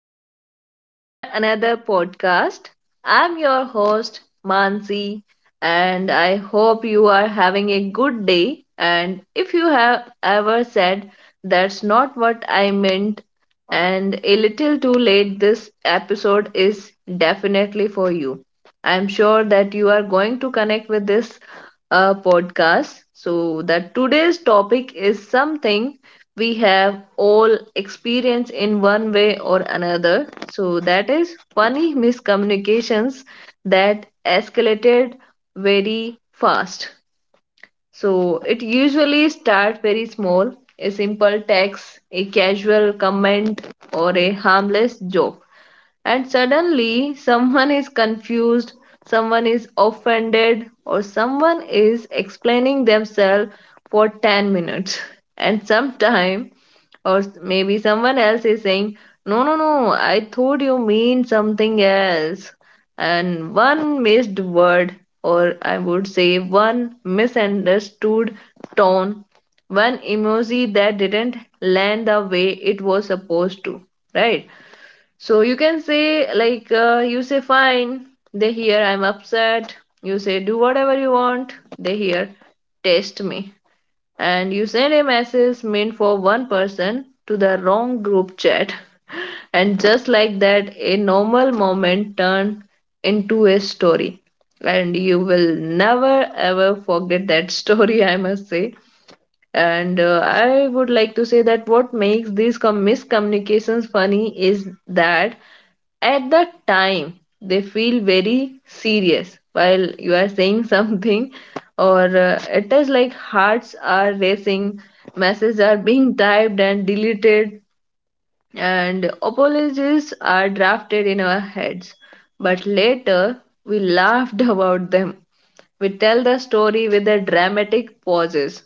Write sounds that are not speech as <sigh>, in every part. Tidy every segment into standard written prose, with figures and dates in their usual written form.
welcome back to our another podcast. I'm your host Mansi, and I hope you are having a good day. And if you have ever said, "That's not what I meant," and a little too late, this episode is definitely for you. I'm sure that you are going to connect with this podcast. So that today's topic is something we have all experienced in one way or another. So that is funny miscommunications that escalated very fast. So it usually starts very small, a simple text, a casual comment, or a harmless joke. And suddenly, someone is confused, someone is offended, or someone is explaining themselves for 10 minutes. And sometimes maybe someone else is saying, "No, no, no, I thought you mean something else." And one missed word, or I would say one misunderstood tone, one emoji that didn't land the way it was supposed to, right? So you can say, you say, "Fine," they hear, "I'm upset." You say, "Do whatever you want." They hear, "Test me." And you send a message meant for one person to the wrong group chat. <laughs> And just like that, a normal moment turned into a story. And you will never ever forget that story, I must say. And I would like to say that what makes these miscommunications funny is that at the time they feel very serious while you are saying <laughs> something, or it is like hearts are racing, messages are being typed and deleted, and apologies are drafted in our heads, but later we laughed <laughs> about them. We tell the story with a dramatic pauses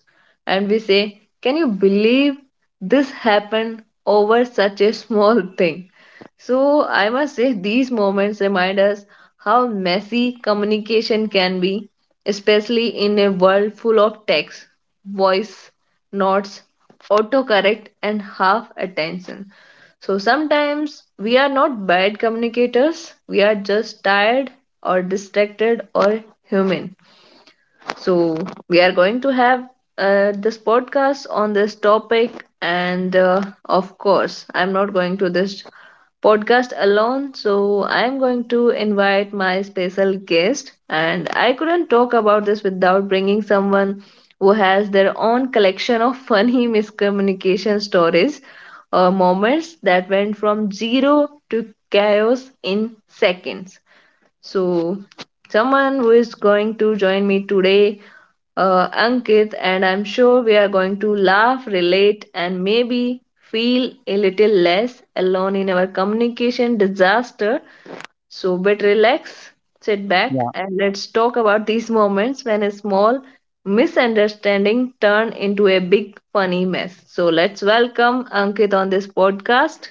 and we say, "Can you believe this happened over such a small thing?" So I must say these moments remind us how messy communication can be, especially in a world full of text, voice notes, autocorrect, and half attention. So sometimes we are not bad communicators, we are just tired or distracted or human. So we are going to have this podcast on this topic, and of course, I'm not going to this podcast alone, so I'm going to invite my special guest. And I couldn't talk about this without bringing someone who has their own collection of funny <laughs> miscommunication stories or moments that went from zero to chaos in seconds. So someone who is going to join me today Ankit, and I'm sure we are going to laugh, relate, and maybe feel a little less alone in our communication disaster. So, but relax, sit back, Yeah. and let's talk about these moments when a small misunderstanding turn into a big funny mess. So let's welcome Ankit on this podcast.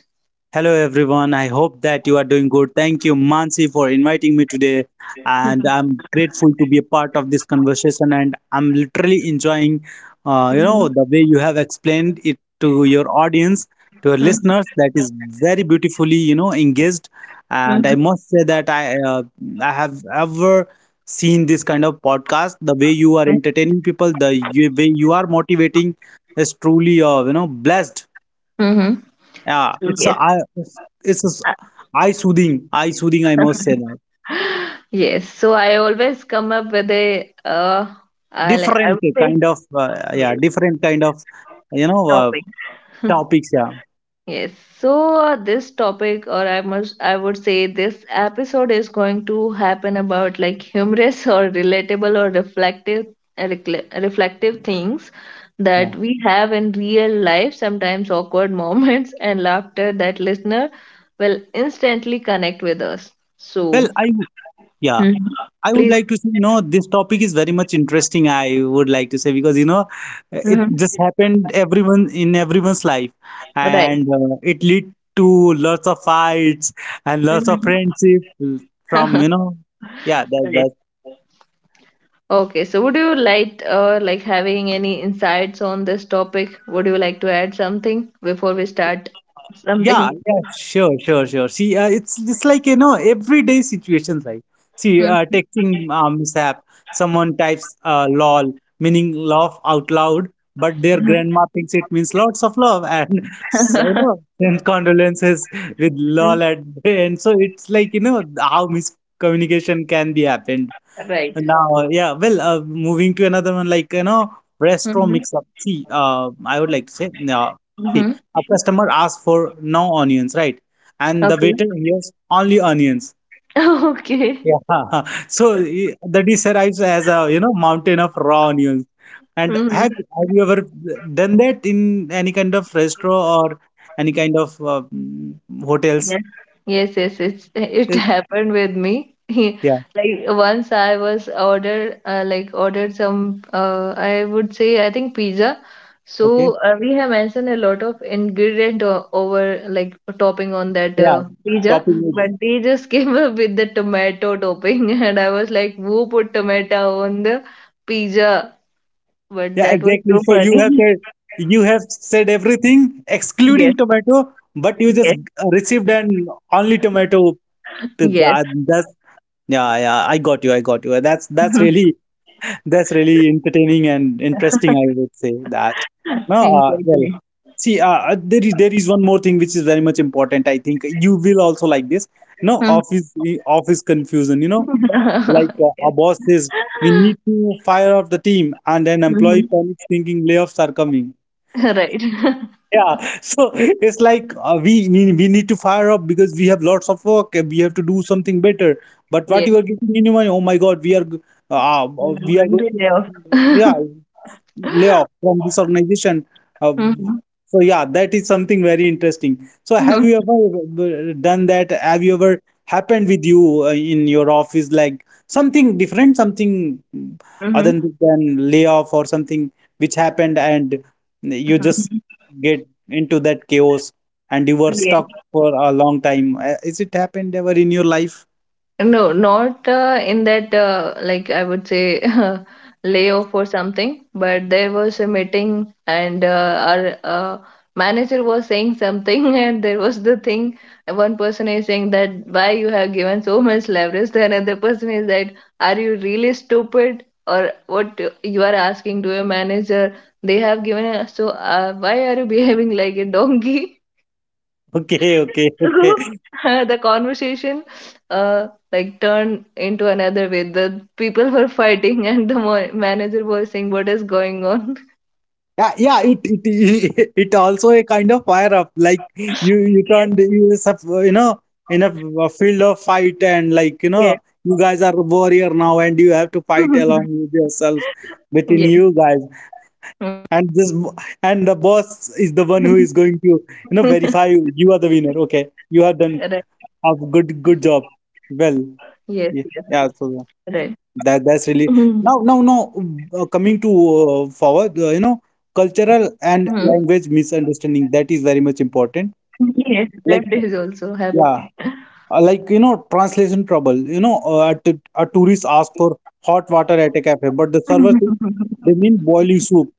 Hello, everyone. I hope that you are doing good. Thank you, Mansi, for inviting me today. And I'm grateful to be a part of this conversation. And I'm literally enjoying, you Mm-hmm. know, the way you have explained it to your audience, to your listeners. That is, very beautifully, you know, engaged. And I Mm-hmm. must say that I have ever seen this kind of podcast. The way you are entertaining people, the way you are motivating is truly, you know, blessed. Mm-hmm. Yeah, it's a Yes. eye, it's a eye soothing, eye soothing, I must say <laughs> that. Yes, so I always come up with a I like, I Different would say, kind of yeah, yes, different kind of, you know, topic. topics. Yeah, Yes, so this topic, or I must, I would say, this episode is going to happen about like humorous <laughs> or relatable or reflective reflective things yeah. that we have in real life, sometimes awkward <laughs> moments and laughter that listener will instantly connect with us. Well, So I w- yeah, Mhm. I would Please. like to say, you know, this topic is very much interesting. I would like to say because, you know, it Mhm. just happened everyone in everyone's life, Right. and it lead to lots of fights and lots of Mhm. friendship from, you <laughs> know, yeah, Right. that. Okay, so would you like having any insights on this topic? Would you like to add something before we start Yeah, something? yeah, sure. See, it's like, you know, everyday situations, like see, Mm. texting mishap. Someone types "lol" meaning laugh out loud, but their grandma thinks it means lots of love and <laughs> so, you know, <laughs> send condolences with "lol" at the end. So it's like, you know, how miscommunication can be happened. Right. Now, yeah, moving to another one, like, you know, restaurant Mm-hmm. mix-up. See, I would like to say, see, a customer asks for no onions, right? And the Okay. waiter hears only onions. <laughs> Okay. Yeah. <laughs> So eh, the dish arrives as a, you know, mountain of raw onions. And Mm-hmm. have you ever done that in any kind of restaurant or any kind of hotels? Yes, yes, yes. It's it Eh, <laughs> happened with me. <laughs> yeah, Like once I was ordered, like ordered some. I would say I think pizza. okay. So we have mentioned a lot of ingredient over like topping on that Yeah, pizza, topping but with. they just <laughs> came up with the tomato topping, <laughs> and I was like, "Who put tomato on the pizza?" But Yeah, that was exactly. so So you have funny. said <laughs> you have said everything Yes, excluding tomato, but you yes, just received an only tomato yes. pizza. That's. Yeah, yeah. I got you. I got you. That's <laughs> really, that's really entertaining and interesting, I would say that. No, Exactly. see, there is one more thing which is very much important. I think you will also like this. No, Uh-huh. Office confusion. You know, like <laughs> a Yes. boss says we need to fire off the team, and an employee Mhm. <laughs> panics thinking layoffs are coming. Right. <laughs> Yeah, so it's like we need to fire up because we have lots of work and we have to do something better. But what Yes. you are giving me money? Oh my God, I'm we are going going to to, laugh. yeah, <laughs> layoff from this organization. Uh, Mhm. so yeah, that is something very interesting. So have Mhm. you ever done that? Have you ever happened with you in your office, like something different, something, Mhm. other Mhm. than layoff or something which happened, and you just <laughs> get into that chaos and you were Yes. stuck for a long time. Is it happened ever in your life? <laughs> No, not in that, like I would say, <laughs> layoff or something, but there was a meeting and our manager was saying something, <laughs> and there was the thing. One person is saying that why you have given so much leverage, the another person is that are you really stupid or what you are asking to your manager? They have given us, so why are you <laughs> behaving like a donkey? <laughs> Okay, okay, So okay. <laughs> the conversation like turned into another way. The people were fighting, and the manager was saying, "What is going on?" Yeah, yeah, it <laughs> it also a kind of fire up. Like you <laughs> you turned you is a- you know, in a field of fight, and like, you Yes. know, you guys are warrior now and you have to fight along with yourself within Yes. <laughs> Yes. you guys, and the boss is the one who is going to, you know, <laughs> verify you you are the winner. Okay, you have Right. done a good job. Well, Yes. Yes. yeah, yeah. Right. So that Mhm. that's really, now now now coming to forward, you know, Mhm. cultural and language misunderstanding, that is very much Yes, important. that is also Like happened. <laughs> yeah, like, you know, translation trouble, you know, a tourist asks for hot water at a cafe, but the server says Mhm. they mean boiling soup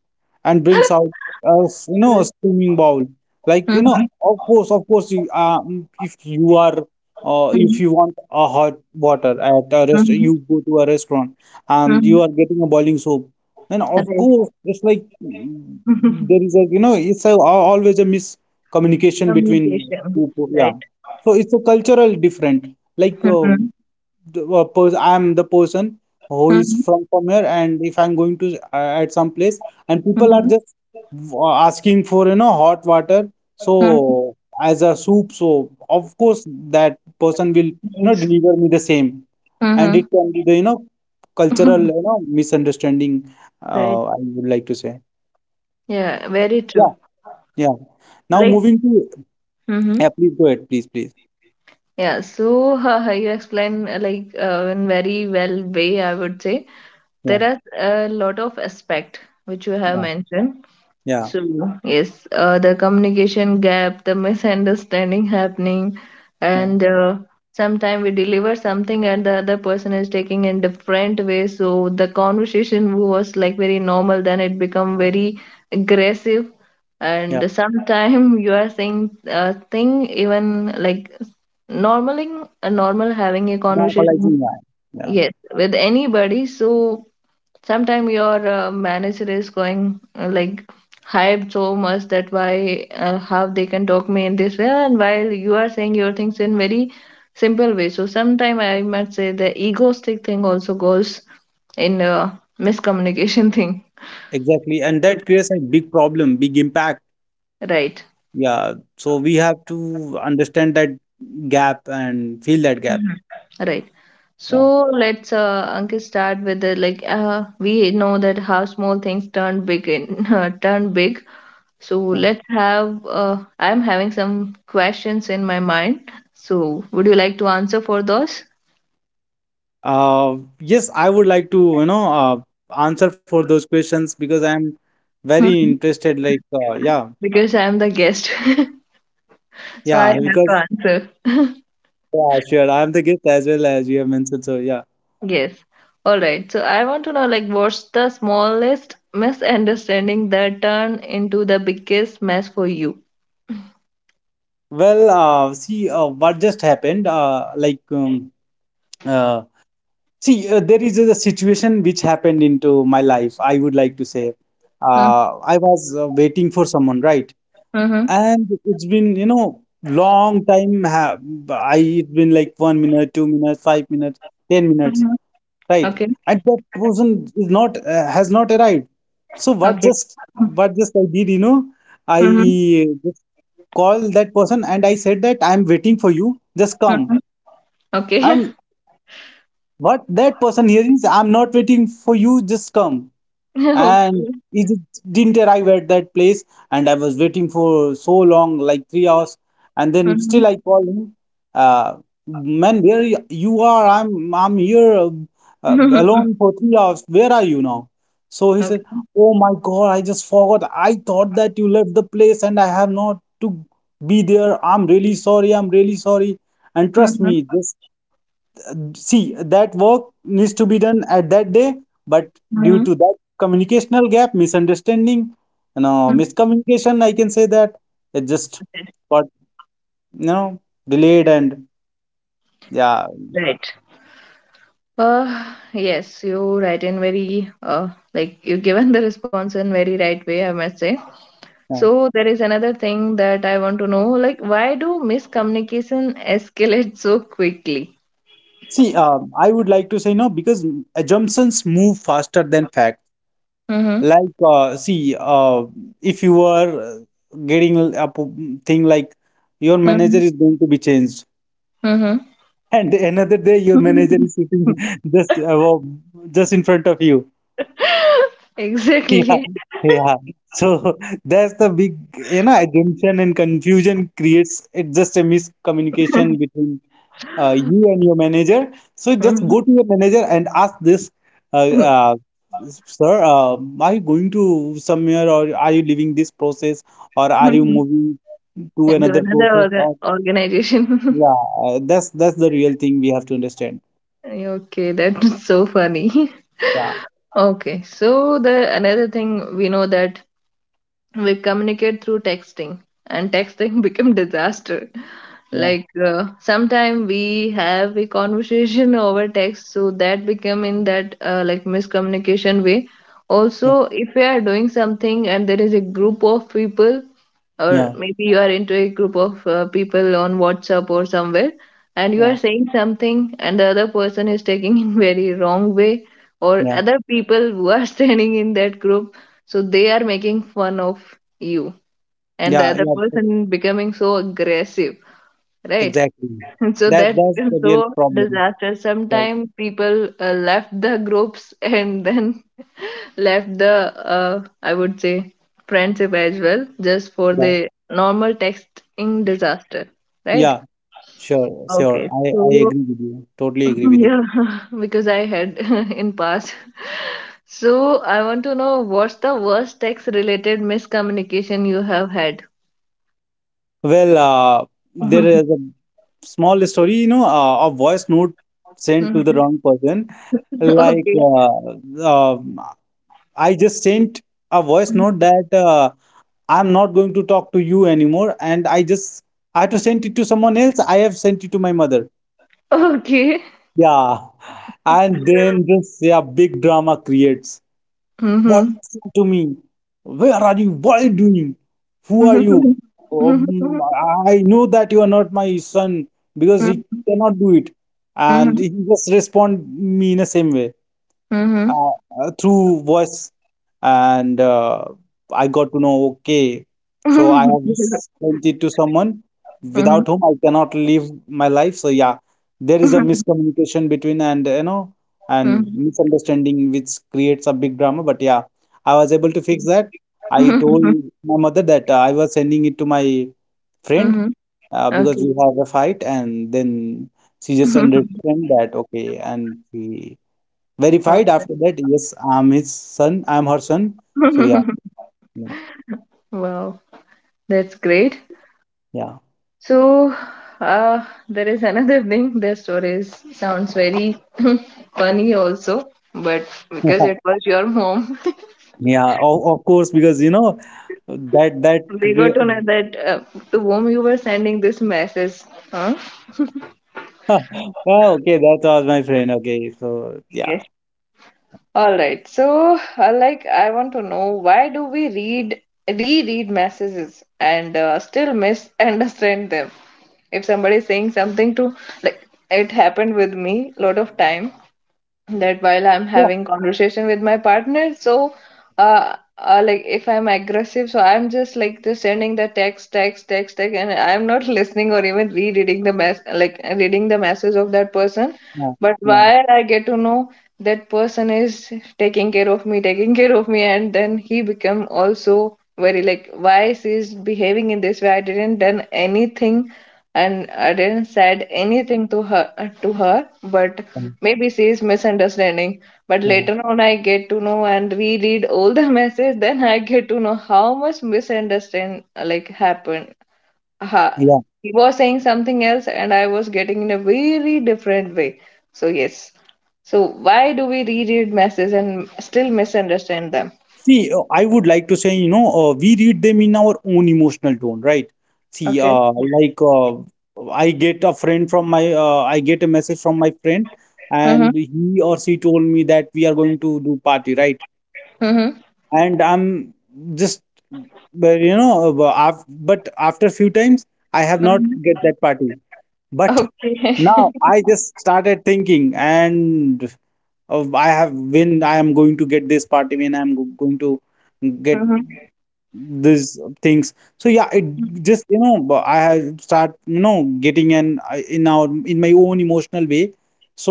and brings out you know, a steaming bowl, like, you know, of course, of course, if you are if Mhm. you want a hot water at a rest, Mhm. you go to a restaurant and you Mhm. are getting a boiling soup, then of course Right. it's like, there is <laughs> a, you know, it's a, always a miscommunication between Communication. two people, yeah, Right. so it's a cultural different. Like, Mhm. I'm the person who is from here, and if I'm going to at some place, and people are Mhm. just asking for, you know, hot water, Mhm. so as a soup. So of course that person will, you know, Yes. deliver me the same, and Mm-hmm. it can be the, you know, cultural, you <laughs> know, misunderstanding. Right. I would like to say. Yeah, very Yeah, true. yeah. Now Like, moving to, mm-hmm. yeah, please go ahead, please, please. Yeah, so you explain like in very well way, I would say. Yeah, There are a lot of aspect which you have yeah, mentioned. yeah, So, yes, the communication gap, the misunderstanding happening, yeah. and sometimes we deliver something and the other person is taking in different way. So the conversation was like very normal, then it become very aggressive. Yeah And sometimes <laughs> you are saying a thing even like normally a normal having a conversation, Normalizing, yeah. Yeah, yes, with anybody. So sometimes your manager is going like hyped so much that why how they can talk me in this way, and while you are saying your things in very simple way. So sometimes I might say the egoistic thing also goes in miscommunication <laughs> thing, exactly. And that creates a big problem, big impact. right? Yeah. So we have to understand that gap and fill that gap. Mhm. Right. So Yeah. let's Ankit start with the like we know that how small things turn big in <laughs> turn big. So Yeah. let's have, I'm having some questions in my mind. So would you like to answer for those? Yes, I would like to, you know, answer for those questions because I'm very <laughs> interested. Like, yeah, Because I'm the guest. <laughs> So I yeah, have because, to answer. yeah, sure. I'm the guest as well, as you have mentioned. So, yeah. Yes. All right. So I want to know, like, what's the smallest misunderstanding that turned into the biggest mess for you? Well, see, what just happened, uh, see, there is a situation which happened into my life. I would like to say, Mm-hmm. I was waiting for someone, right? Mm-hmm. And it's been, you know, long time. Ha I it's been like 1 minute, 2 minutes, 5 minutes, 10 minutes, right? Okay. And that person is not has not arrived. So what Okay. just what just I did, you know, I Mm-hmm. just call that person and I said that I'm waiting for you. Just Mm-hmm. come. Okay. And what that person hears is, I'm not waiting for you, just come. And <laughs> Okay. it didn't arrive at that place, and I was waiting for so long, like 3 hours, and then Mm-hmm. still I called him. uh, Man, where you are? I'm here, alone <laughs> for 3 hours. Where are you now? So he said, Okay. oh my God, I just forgot. I thought that you left the place and I have not to be there. I'm really sorry, I'm really sorry. And trust Mm-hmm. me, this. See, that work needs to be done at that day, but due Mm-hmm. to that communicational gap, misunderstanding, you know, miscommunication, I can say that it just got, you know, delayed, and yeah. Right. Yes, you write in very like you given the response in very right way, I must say. Yeah. So there is another thing that I want to know, like, why do miscommunication escalate so quickly? See, I would like to say no, because assumptions move faster than facts. Mm-hmm. Like, see, if you are getting a thing like your manager Mm-hmm. is going to be changed, and another day your manager Mm-hmm. is sitting just above, just in front of you. <laughs> Exactly. <laughs> Yeah, yeah. So <laughs> that's the big, you know, assumption and confusion creates it just a miscommunication between you <laughs> and your manager. So just Mhm. go to your manager and ask this, uh, uh, sir, are you going to somewhere or are you leaving this process or are you <laughs> moving to Into another another process? Or organization. yeah, <laughs> that's the real thing we have to understand. Okay, that's so funny. <laughs> Yeah, Okay, so the another thing we know that we communicate through texting, and texting <laughs> became disaster. yeah. Like sometime we have a conversation <laughs> over text so that become in that like miscommunication way, also if we are doing something and there is a group of people, or Yeah, maybe you are into a group of people on WhatsApp or somewhere, and you are yeah, saying something, and the other person is taking in very wrong way, or yeah, other people who are <laughs> standing in that group, so they are making fun of you, and the yeah, other yeah. that- person becoming so aggressive, right? Exactly. <laughs> So That that that's becomes the real so problem. disaster. Right. Sometimes people left the groups <laughs> and then left the I would say friendship as well just for Yeah, the normal texting disaster, right? yeah. Sure, sure. Okay, I I so agree with you. Totally <laughs> agree with you. yeah, <laughs> because I had <laughs> in past. So I want to know, what's the worst text related miscommunication you have had? Well, there is a <laughs> small story, you know, a voice note sent to the Mhm. wrong person. Like, Okay. I just sent a voice note that I'm not going to talk to you anymore, and I had to send it to someone else. I have sent it to my mother. Okay. Yeah, and then this, yeah, big drama creates. Why you Mm-hmm. listen to me? Where are you? What are you doing? Who are you? Mm-hmm. Um, I know that you are not my son because he Mm-hmm. cannot do it, and he just respond me in the same way, Mm-hmm. uh, through voice. And I got to know, okay. So I have Mm-hmm. just sent it to someone without whom I cannot live my life. So yeah, there is a Mm-hmm. miscommunication between, and you know, and <laughs> misunderstanding, which creates a big drama. But yeah, I was able to fix that. I told Mhm, my mother that I was sending it to my mhm. friend, because Okay. we have a fight, and then she just <laughs> understand that, okay. And she verified Awesome. after that, yes, I'm his son, I'm her son. So yeah, <laughs> yeah, Wow, that's great. yeah. So, there is another thing. Their stories sounds very <laughs> funny also, but because it <laughs> was your mom, Yeah, of course, because, you know, that that <laughs> we got cre- to know that to whom you were sending this message. Huh? <laughs> oh, okay, that was my friend. Okay, so yeah, Yes. All right. So, like, I want to know, why do we read reread messages and still misunderstand them? If somebody is saying something to like it happened with me a lot of time that while I'm yeah, having conversation with my partner, so like if I'm aggressive, so I'm just like just sending the text and I'm not <laughs> listening or even rereading the mess, like reading the message of that person, yeah, but yeah, while I get to know that person is taking care of me, and then he become also very like, why she's behaving in this way, I didn't done anything and I didn't said anything to her, but maybe she is misunderstanding. But yeah. later on, I get to know and reread all the <laughs> message. Then I get to know how much misunderstand like happened. Ha, Yeah. he was saying something else, and I was getting in a very different way. So yes. So why do we reread messages and still misunderstand them? See, I would like to say, you know, we read them in our own emotional tone, right? See, Okay. I get a message from my friend, Mhm. and he or she told me that we are going to do party, right? Mhm. And I'm just, but you know, but after few times, I have not Mhm. get that party. But Okay. now <laughs> I just started thinking, and I have when I am going to get this party, when I'm going to get Mhm. these things. So yeah, it just, I have start, getting an I- in our in my own emotional way.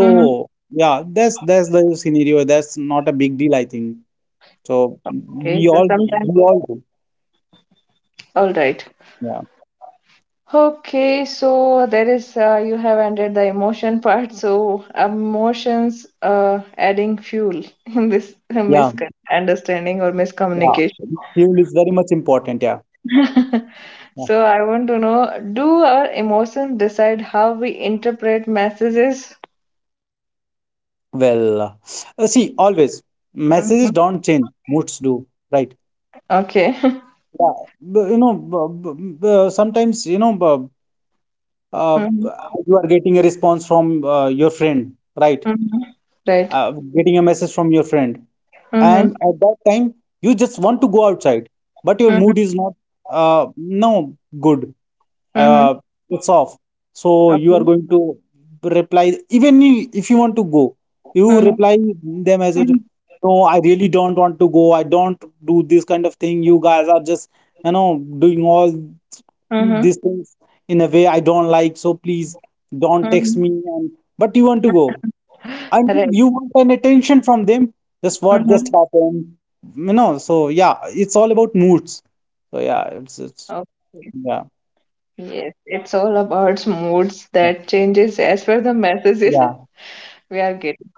Mhm. yeah, that's the scenario. That's not a big deal, I think. So Okay. we So all sometimes. we all do. All right. Yeah, Okay, so there is you have ended the emotion part, so emotions adding fuel in this yeah, misunderstanding or miscommunication. yeah. Fuel is very much important. Yeah, <laughs> yeah. So I want to know, do our emotions decide how we interpret messages? Well, see, always messages Mhm. don't change, moods do, right? Okay. <laughs> Yeah, sometimes, uh, Mhm. you are getting a response from your friend, right? Mhm. Right. Getting a message from your friend, and Mm-hmm. at that time you just want to go outside, but your Mm-hmm. mood is not, no good. Mm-hmm. uh, it's off, so you are Okay. going to reply even if you want to go, you Mm-hmm. reply them as a, Mm-hmm. "No, I really don't want to go, I don't do this kind of thing, you guys are just, doing all Mm-hmm. these things in a way I don't like, so please don't text Mm-hmm. me," and but you want to go, and Right. you want an attention from them. That's what just Mm-hmm. happened. So yeah, it's all about moods. So yeah, it's Okay. yeah, Yes, it's all about moods that changes as per the messages yeah. <laughs> we are getting.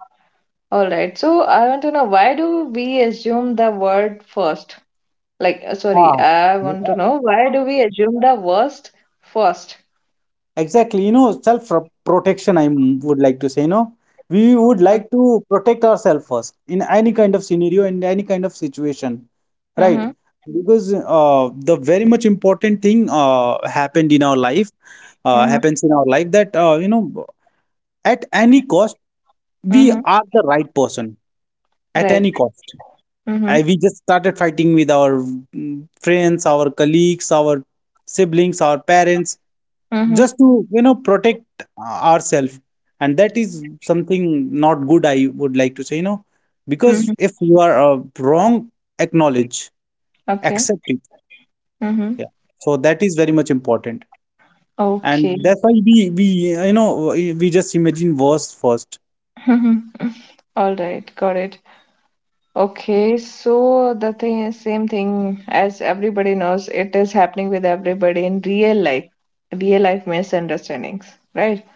All right. So I want to know why do we assume the word first? Sorry, Ah, I e- want to e- know why do we assume the worst first? exactly. You know, self protection, I would like to say, we would like Okay. to protect ourselves first in any kind of scenario, in any kind of situation, right? Mm-hmm. Because the very much important thing, happened in our life, Mm-hmm. happens in our life, that at any cost, we Mm-hmm. are the right person at Right. any cost. Mm-hmm. We just started fighting with our, friends, our colleagues, our siblings, our parents just Mm-hmm. to protect ourselves, and that is something not good, I would like to say. Mm-hmm. Because if you are wrong, acknowledge, Okay. accept it, Mm-hmm. yeah. So that is very much important, and Okay. that's why we you know we just imagine worst first, <laughs> All right. Got it. Okay, so the thing is same thing as everybody knows, it is happening with everybody in real life misunderstandings, right?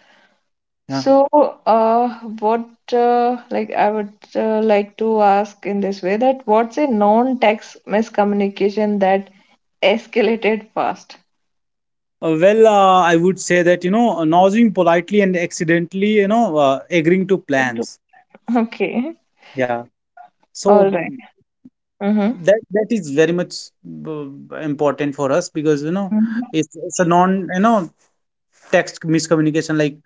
yeah. So, uh, what like I would like to ask in this way that what's a non-text miscommunication that escalated fast? Well, I would say that nodding politely and accidentally, agreeing to <laughs> It- plans, Okay, yeah. all So right. Mm-hmm. that is very much important for us, because it's a non, text miscommunication, like,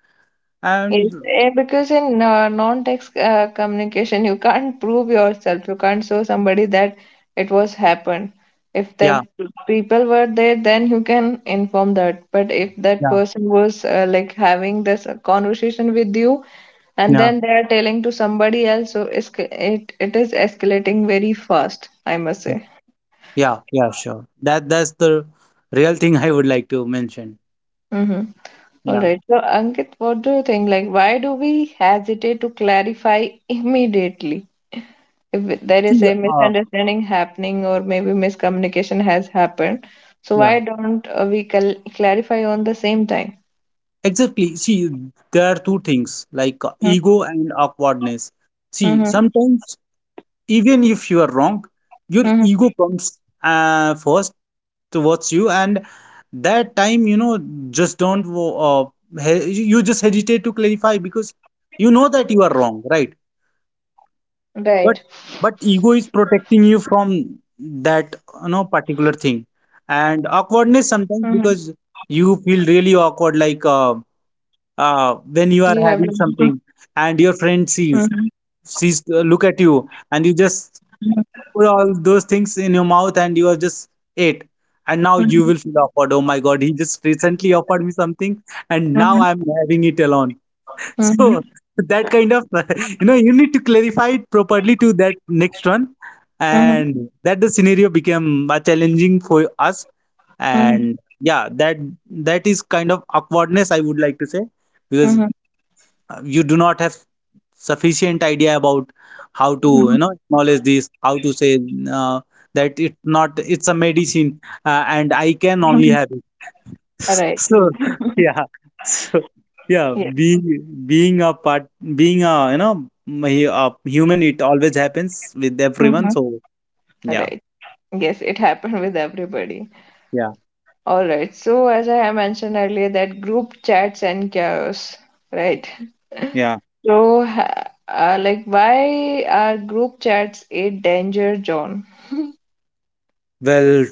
Yes, and. Because in non-text communication, you can't prove yourself. You can't show somebody that it was happened. If the Yeah, people were there, then you can inform that. But if that yeah, person was like having this conversation with you, and yeah, then they are telling to somebody else, so it is escalating very fast, I must yeah, say. yeah, yeah, sure, that's the real thing, <laughs> I would like to mention. Mm-hmm. All Yeah. right. So, Ankit, what do you think? Like, why do we hesitate to clarify immediately? If there See, is a uh, misunderstanding happening or maybe miscommunication has happened, so yeah, why don't we clarify on the same time? exactly. See, there are two things, like, Mm-hmm. ego and awkwardness. See, Hmm. sometimes even if you are wrong, your Hmm, ego comes first towards you, and that time, just don't uh, he- you just hesitate to clarify, because you know that you are wrong, right? hmm. Right. But ego is protecting you from that, particular thing. Hmm. And Hmm. awkwardness sometimes, because you feel really awkward, like, You have when you to. are having something, and your Mhm. friend sees sees look at you, and you Mhm. just put all those things in your mouth, and you are just ate, and now you Mhm. will feel awkward, "Oh my god, he just recently offered me something, and now Mhm. I'm having it alone." <laughs> So Mhm. that kind of. <laughs> You need to clarify it properly to that next one, Mhm. and that the scenario became challenging for us. Mhm. And yeah, that is kind of awkwardness, I would like to say, because Mhm. You do not have sufficient idea about how to, Mhm. Acknowledge this, how to say uh, that, it's not it's a medicine, and I can only Mhm. have it. Right. <laughs> So yeah, so yeah, Yeah. Being a part being a you know m- a human, it always happens with everyone, Mhm. so yeah, Right. Yes, it happened with everybody. yeah, All right, so as I have mentioned earlier that group chats and chaos, right? yeah, So, why are group chats a danger zone? well.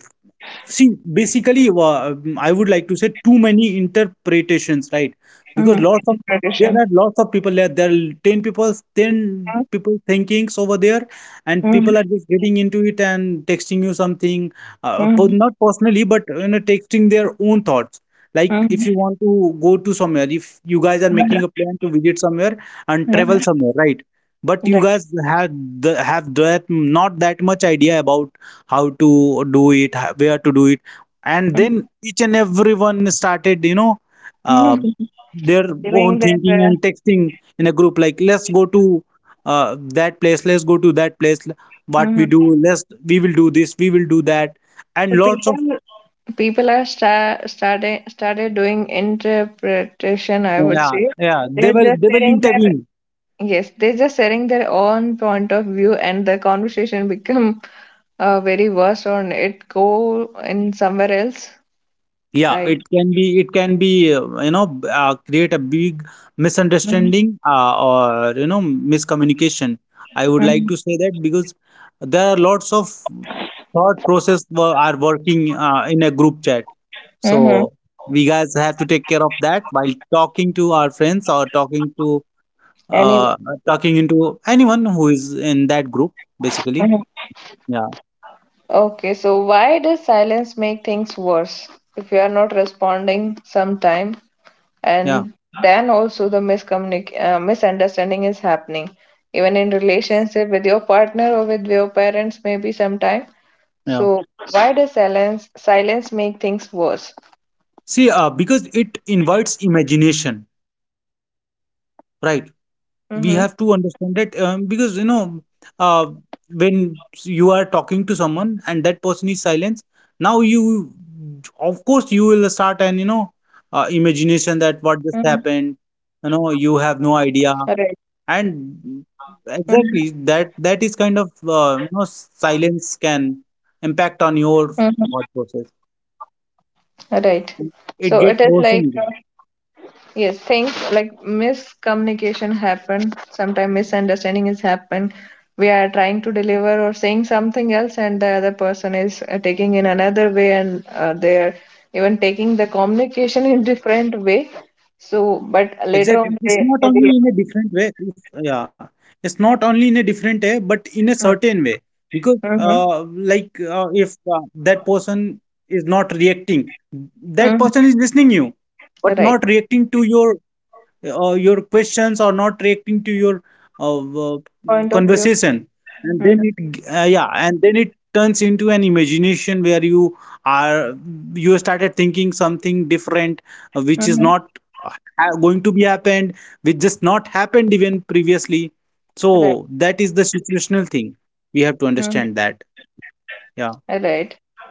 See, basically, I would like to say too many interpretations, right? Because Mm, lots it's a of there are tradition. lots of people there. There are ten Mm, people thinkings over there, and mm, people are just getting into it and texting you something, mm, not personally, but, texting their own thoughts. Like if you mm, want to go to somewhere, if you guys are making a plan to visit somewhere and travel mm. somewhere, right? But you Right. guys have have that not that much idea about how to do it, where to do it, and then Mm. each and everyone started uh, Mm. their Feeling own that thinking uh, and texting in a group, like, "Let's go to that place, let's go to that place, what we mhm. do, let's we will do this, we will do that." And So lots people, of, people are started doing interpretation, I would yeah, say. yeah, they They're will just they will sharing their. intervene. Yes, they're just sharing their own point of view, and the conversation become very worse, or it go in somewhere else. Yeah, I. it can be, create a big misunderstanding, or, miscommunication. I would like Mm-hmm. to say that, because there are lots of thought process are working in a group chat. Mm-hmm. So we guys have to take care of that while talking to our friends, or Anyway, uh, talking into anyone who is in that group, basically. mhm. Yeah, Okay, so why does silence make things worse if we are not responding sometime, yeah, and then also the miscommunic misunderstanding is happening, even in relationship with your partner or with your parents maybe sometime. yeah. So why does silence make things worse? See, because it invites imagination, right? We Mm-hmm. have to understand that, because, uh, when you are talking to someone and that person is silent, now you of course you will start, and, Mm-hmm. imagination, that what just happened, you Right. have no idea, Mm-hmm. and exactly that is kind of, silence can impact on Mm-hmm. your thought process. Right. So it is It like gets worsened. Yes, things like miscommunication happen. Sometimes misunderstanding is happen. We are trying to deliver or saying something else, and the other person is taking in another way, and they are even taking the communication in <laughs> different way. So, but later Exactly. on, It's they. not only in a different way. It's, yeah. It's not only in a different way, but in a certain way. Because, Mm-hmm. Like, if that person is not reacting, that Hmm. person is listening you, but Right. not reacting to your questions, or not reacting to your, uh, uh, Point of view. conversation, and then Mm-hmm. it yeah and then it turns into an imagination where are you started thinking something different, which is not, Mm-hmm. uh, going to be happened, which just not happened even previously. So that is Right. the situational thing, we have to understand that, Mm-hmm. yeah. Right.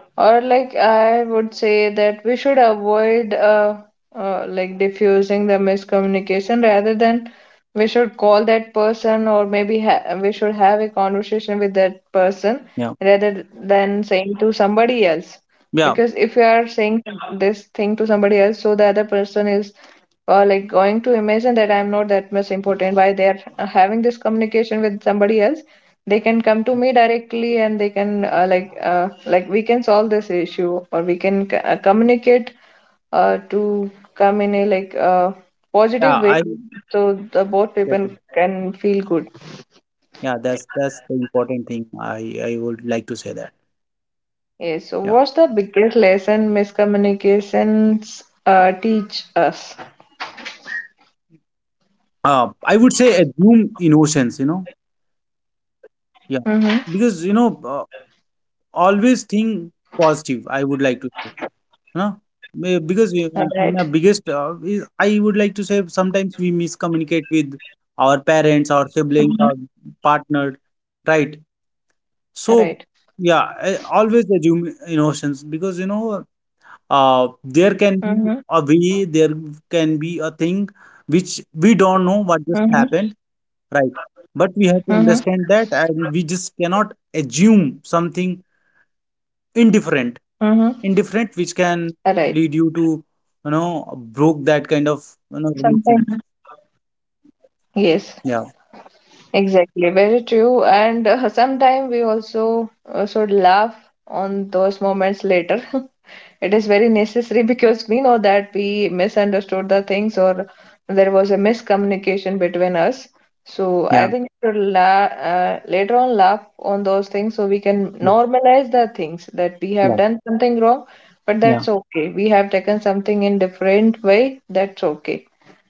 Or like I would say that we should avoid diffusing the miscommunication rather than we should call that person or maybe ha we should have a conversation with that person Yeah, rather than saying to somebody else. yeah, Because if you are saying this thing to somebody else, so the other person is like going to imagine that I'm not that much important, why they are having this communication with somebody else. They can come to me directly, and they can we can solve this issue, or we can communicate to come in a positive yeah, way, I so the both people exactly. can feel good. Yeah, that's the important thing, I would like to say that, Yes, so what's yeah. the biggest lesson miscommunications teach us? I would say assume innocence. Mm-hmm. Yeah. Because, always think positive, I would like to say, you know. Right, right. Because in the biggest, I would like to say, sometimes we miscommunicate with our parents, our siblings, our partner, right? Mm-hmm. So, yeah, I always assume innocence because, Mm-hmm. There can be a way, there can be a thing which we don't know what just happened. Right. Mm-hmm. But we have to understand that, and we just cannot assume something Mm-hmm. indifferent. Right. Indifferent, which can lead you to, broke that kind Sometimes. of, relations. Yes. Yeah. Exactly, very true. And sometimes we also should laugh on those moments later. <laughs> It is very necessary <laughs> because we know that we misunderstood the things, or there was a miscommunication between us. So I Yeah. think we should la later on laugh on those things, so we can normalize the things that we have Yeah. done something wrong, but Yeah. that's okay. We have taken something in different way. That's okay.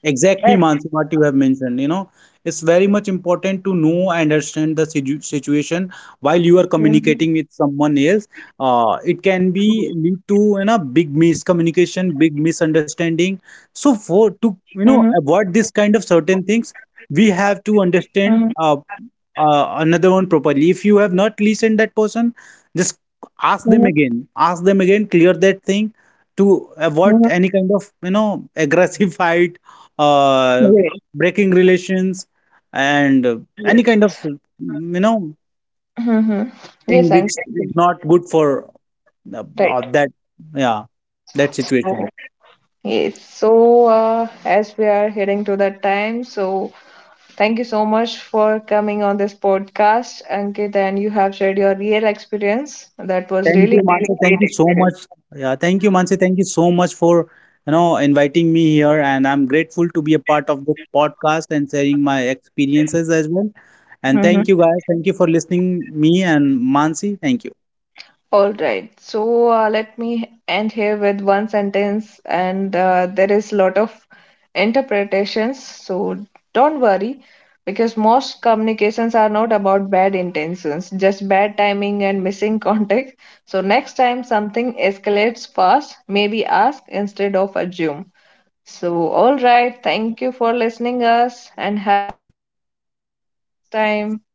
Exactly, Right. Mansi, what you have mentioned. It's very much important to know and understand the situation while you are Mm-hmm. communicating with someone else. It can be lead to big miscommunication, big misunderstanding. So for to avoid this kind of certain things, we Mm-hmm. have to understand another one properly. If you have not listened that person, just ask them again. Ask them again. Clear that thing to Mhm. avoid any kind of aggressive <laughs> fight, Yes. uh, breaking relations, and Yes. any kind of Mhm. Yes, thing and which is not good for, uh, right. uh, that yeah that Uh, situation. Yes. So, as we are heading to that time, so thank you so much for coming on this podcast, Ankit, and you have shared your real experience. That was Thank really, you, really Mansi. great Thank you so experience. much. Yeah, thank you, Mansi. Thank you so much for inviting me here, and I'm grateful to be a part of this podcast and sharing my experiences as well. And Mhm. thank you guys. Thank you for listening me and Mansi. Thank you. All right. So let me end here with one sentence, and there is a lot of interpretations. So don't worry, because most communications are not about bad intentions, just bad timing and missing <laughs> context. So next time something escalates fast, maybe ask instead of assume. So all right. Thank you for listening us, and have time.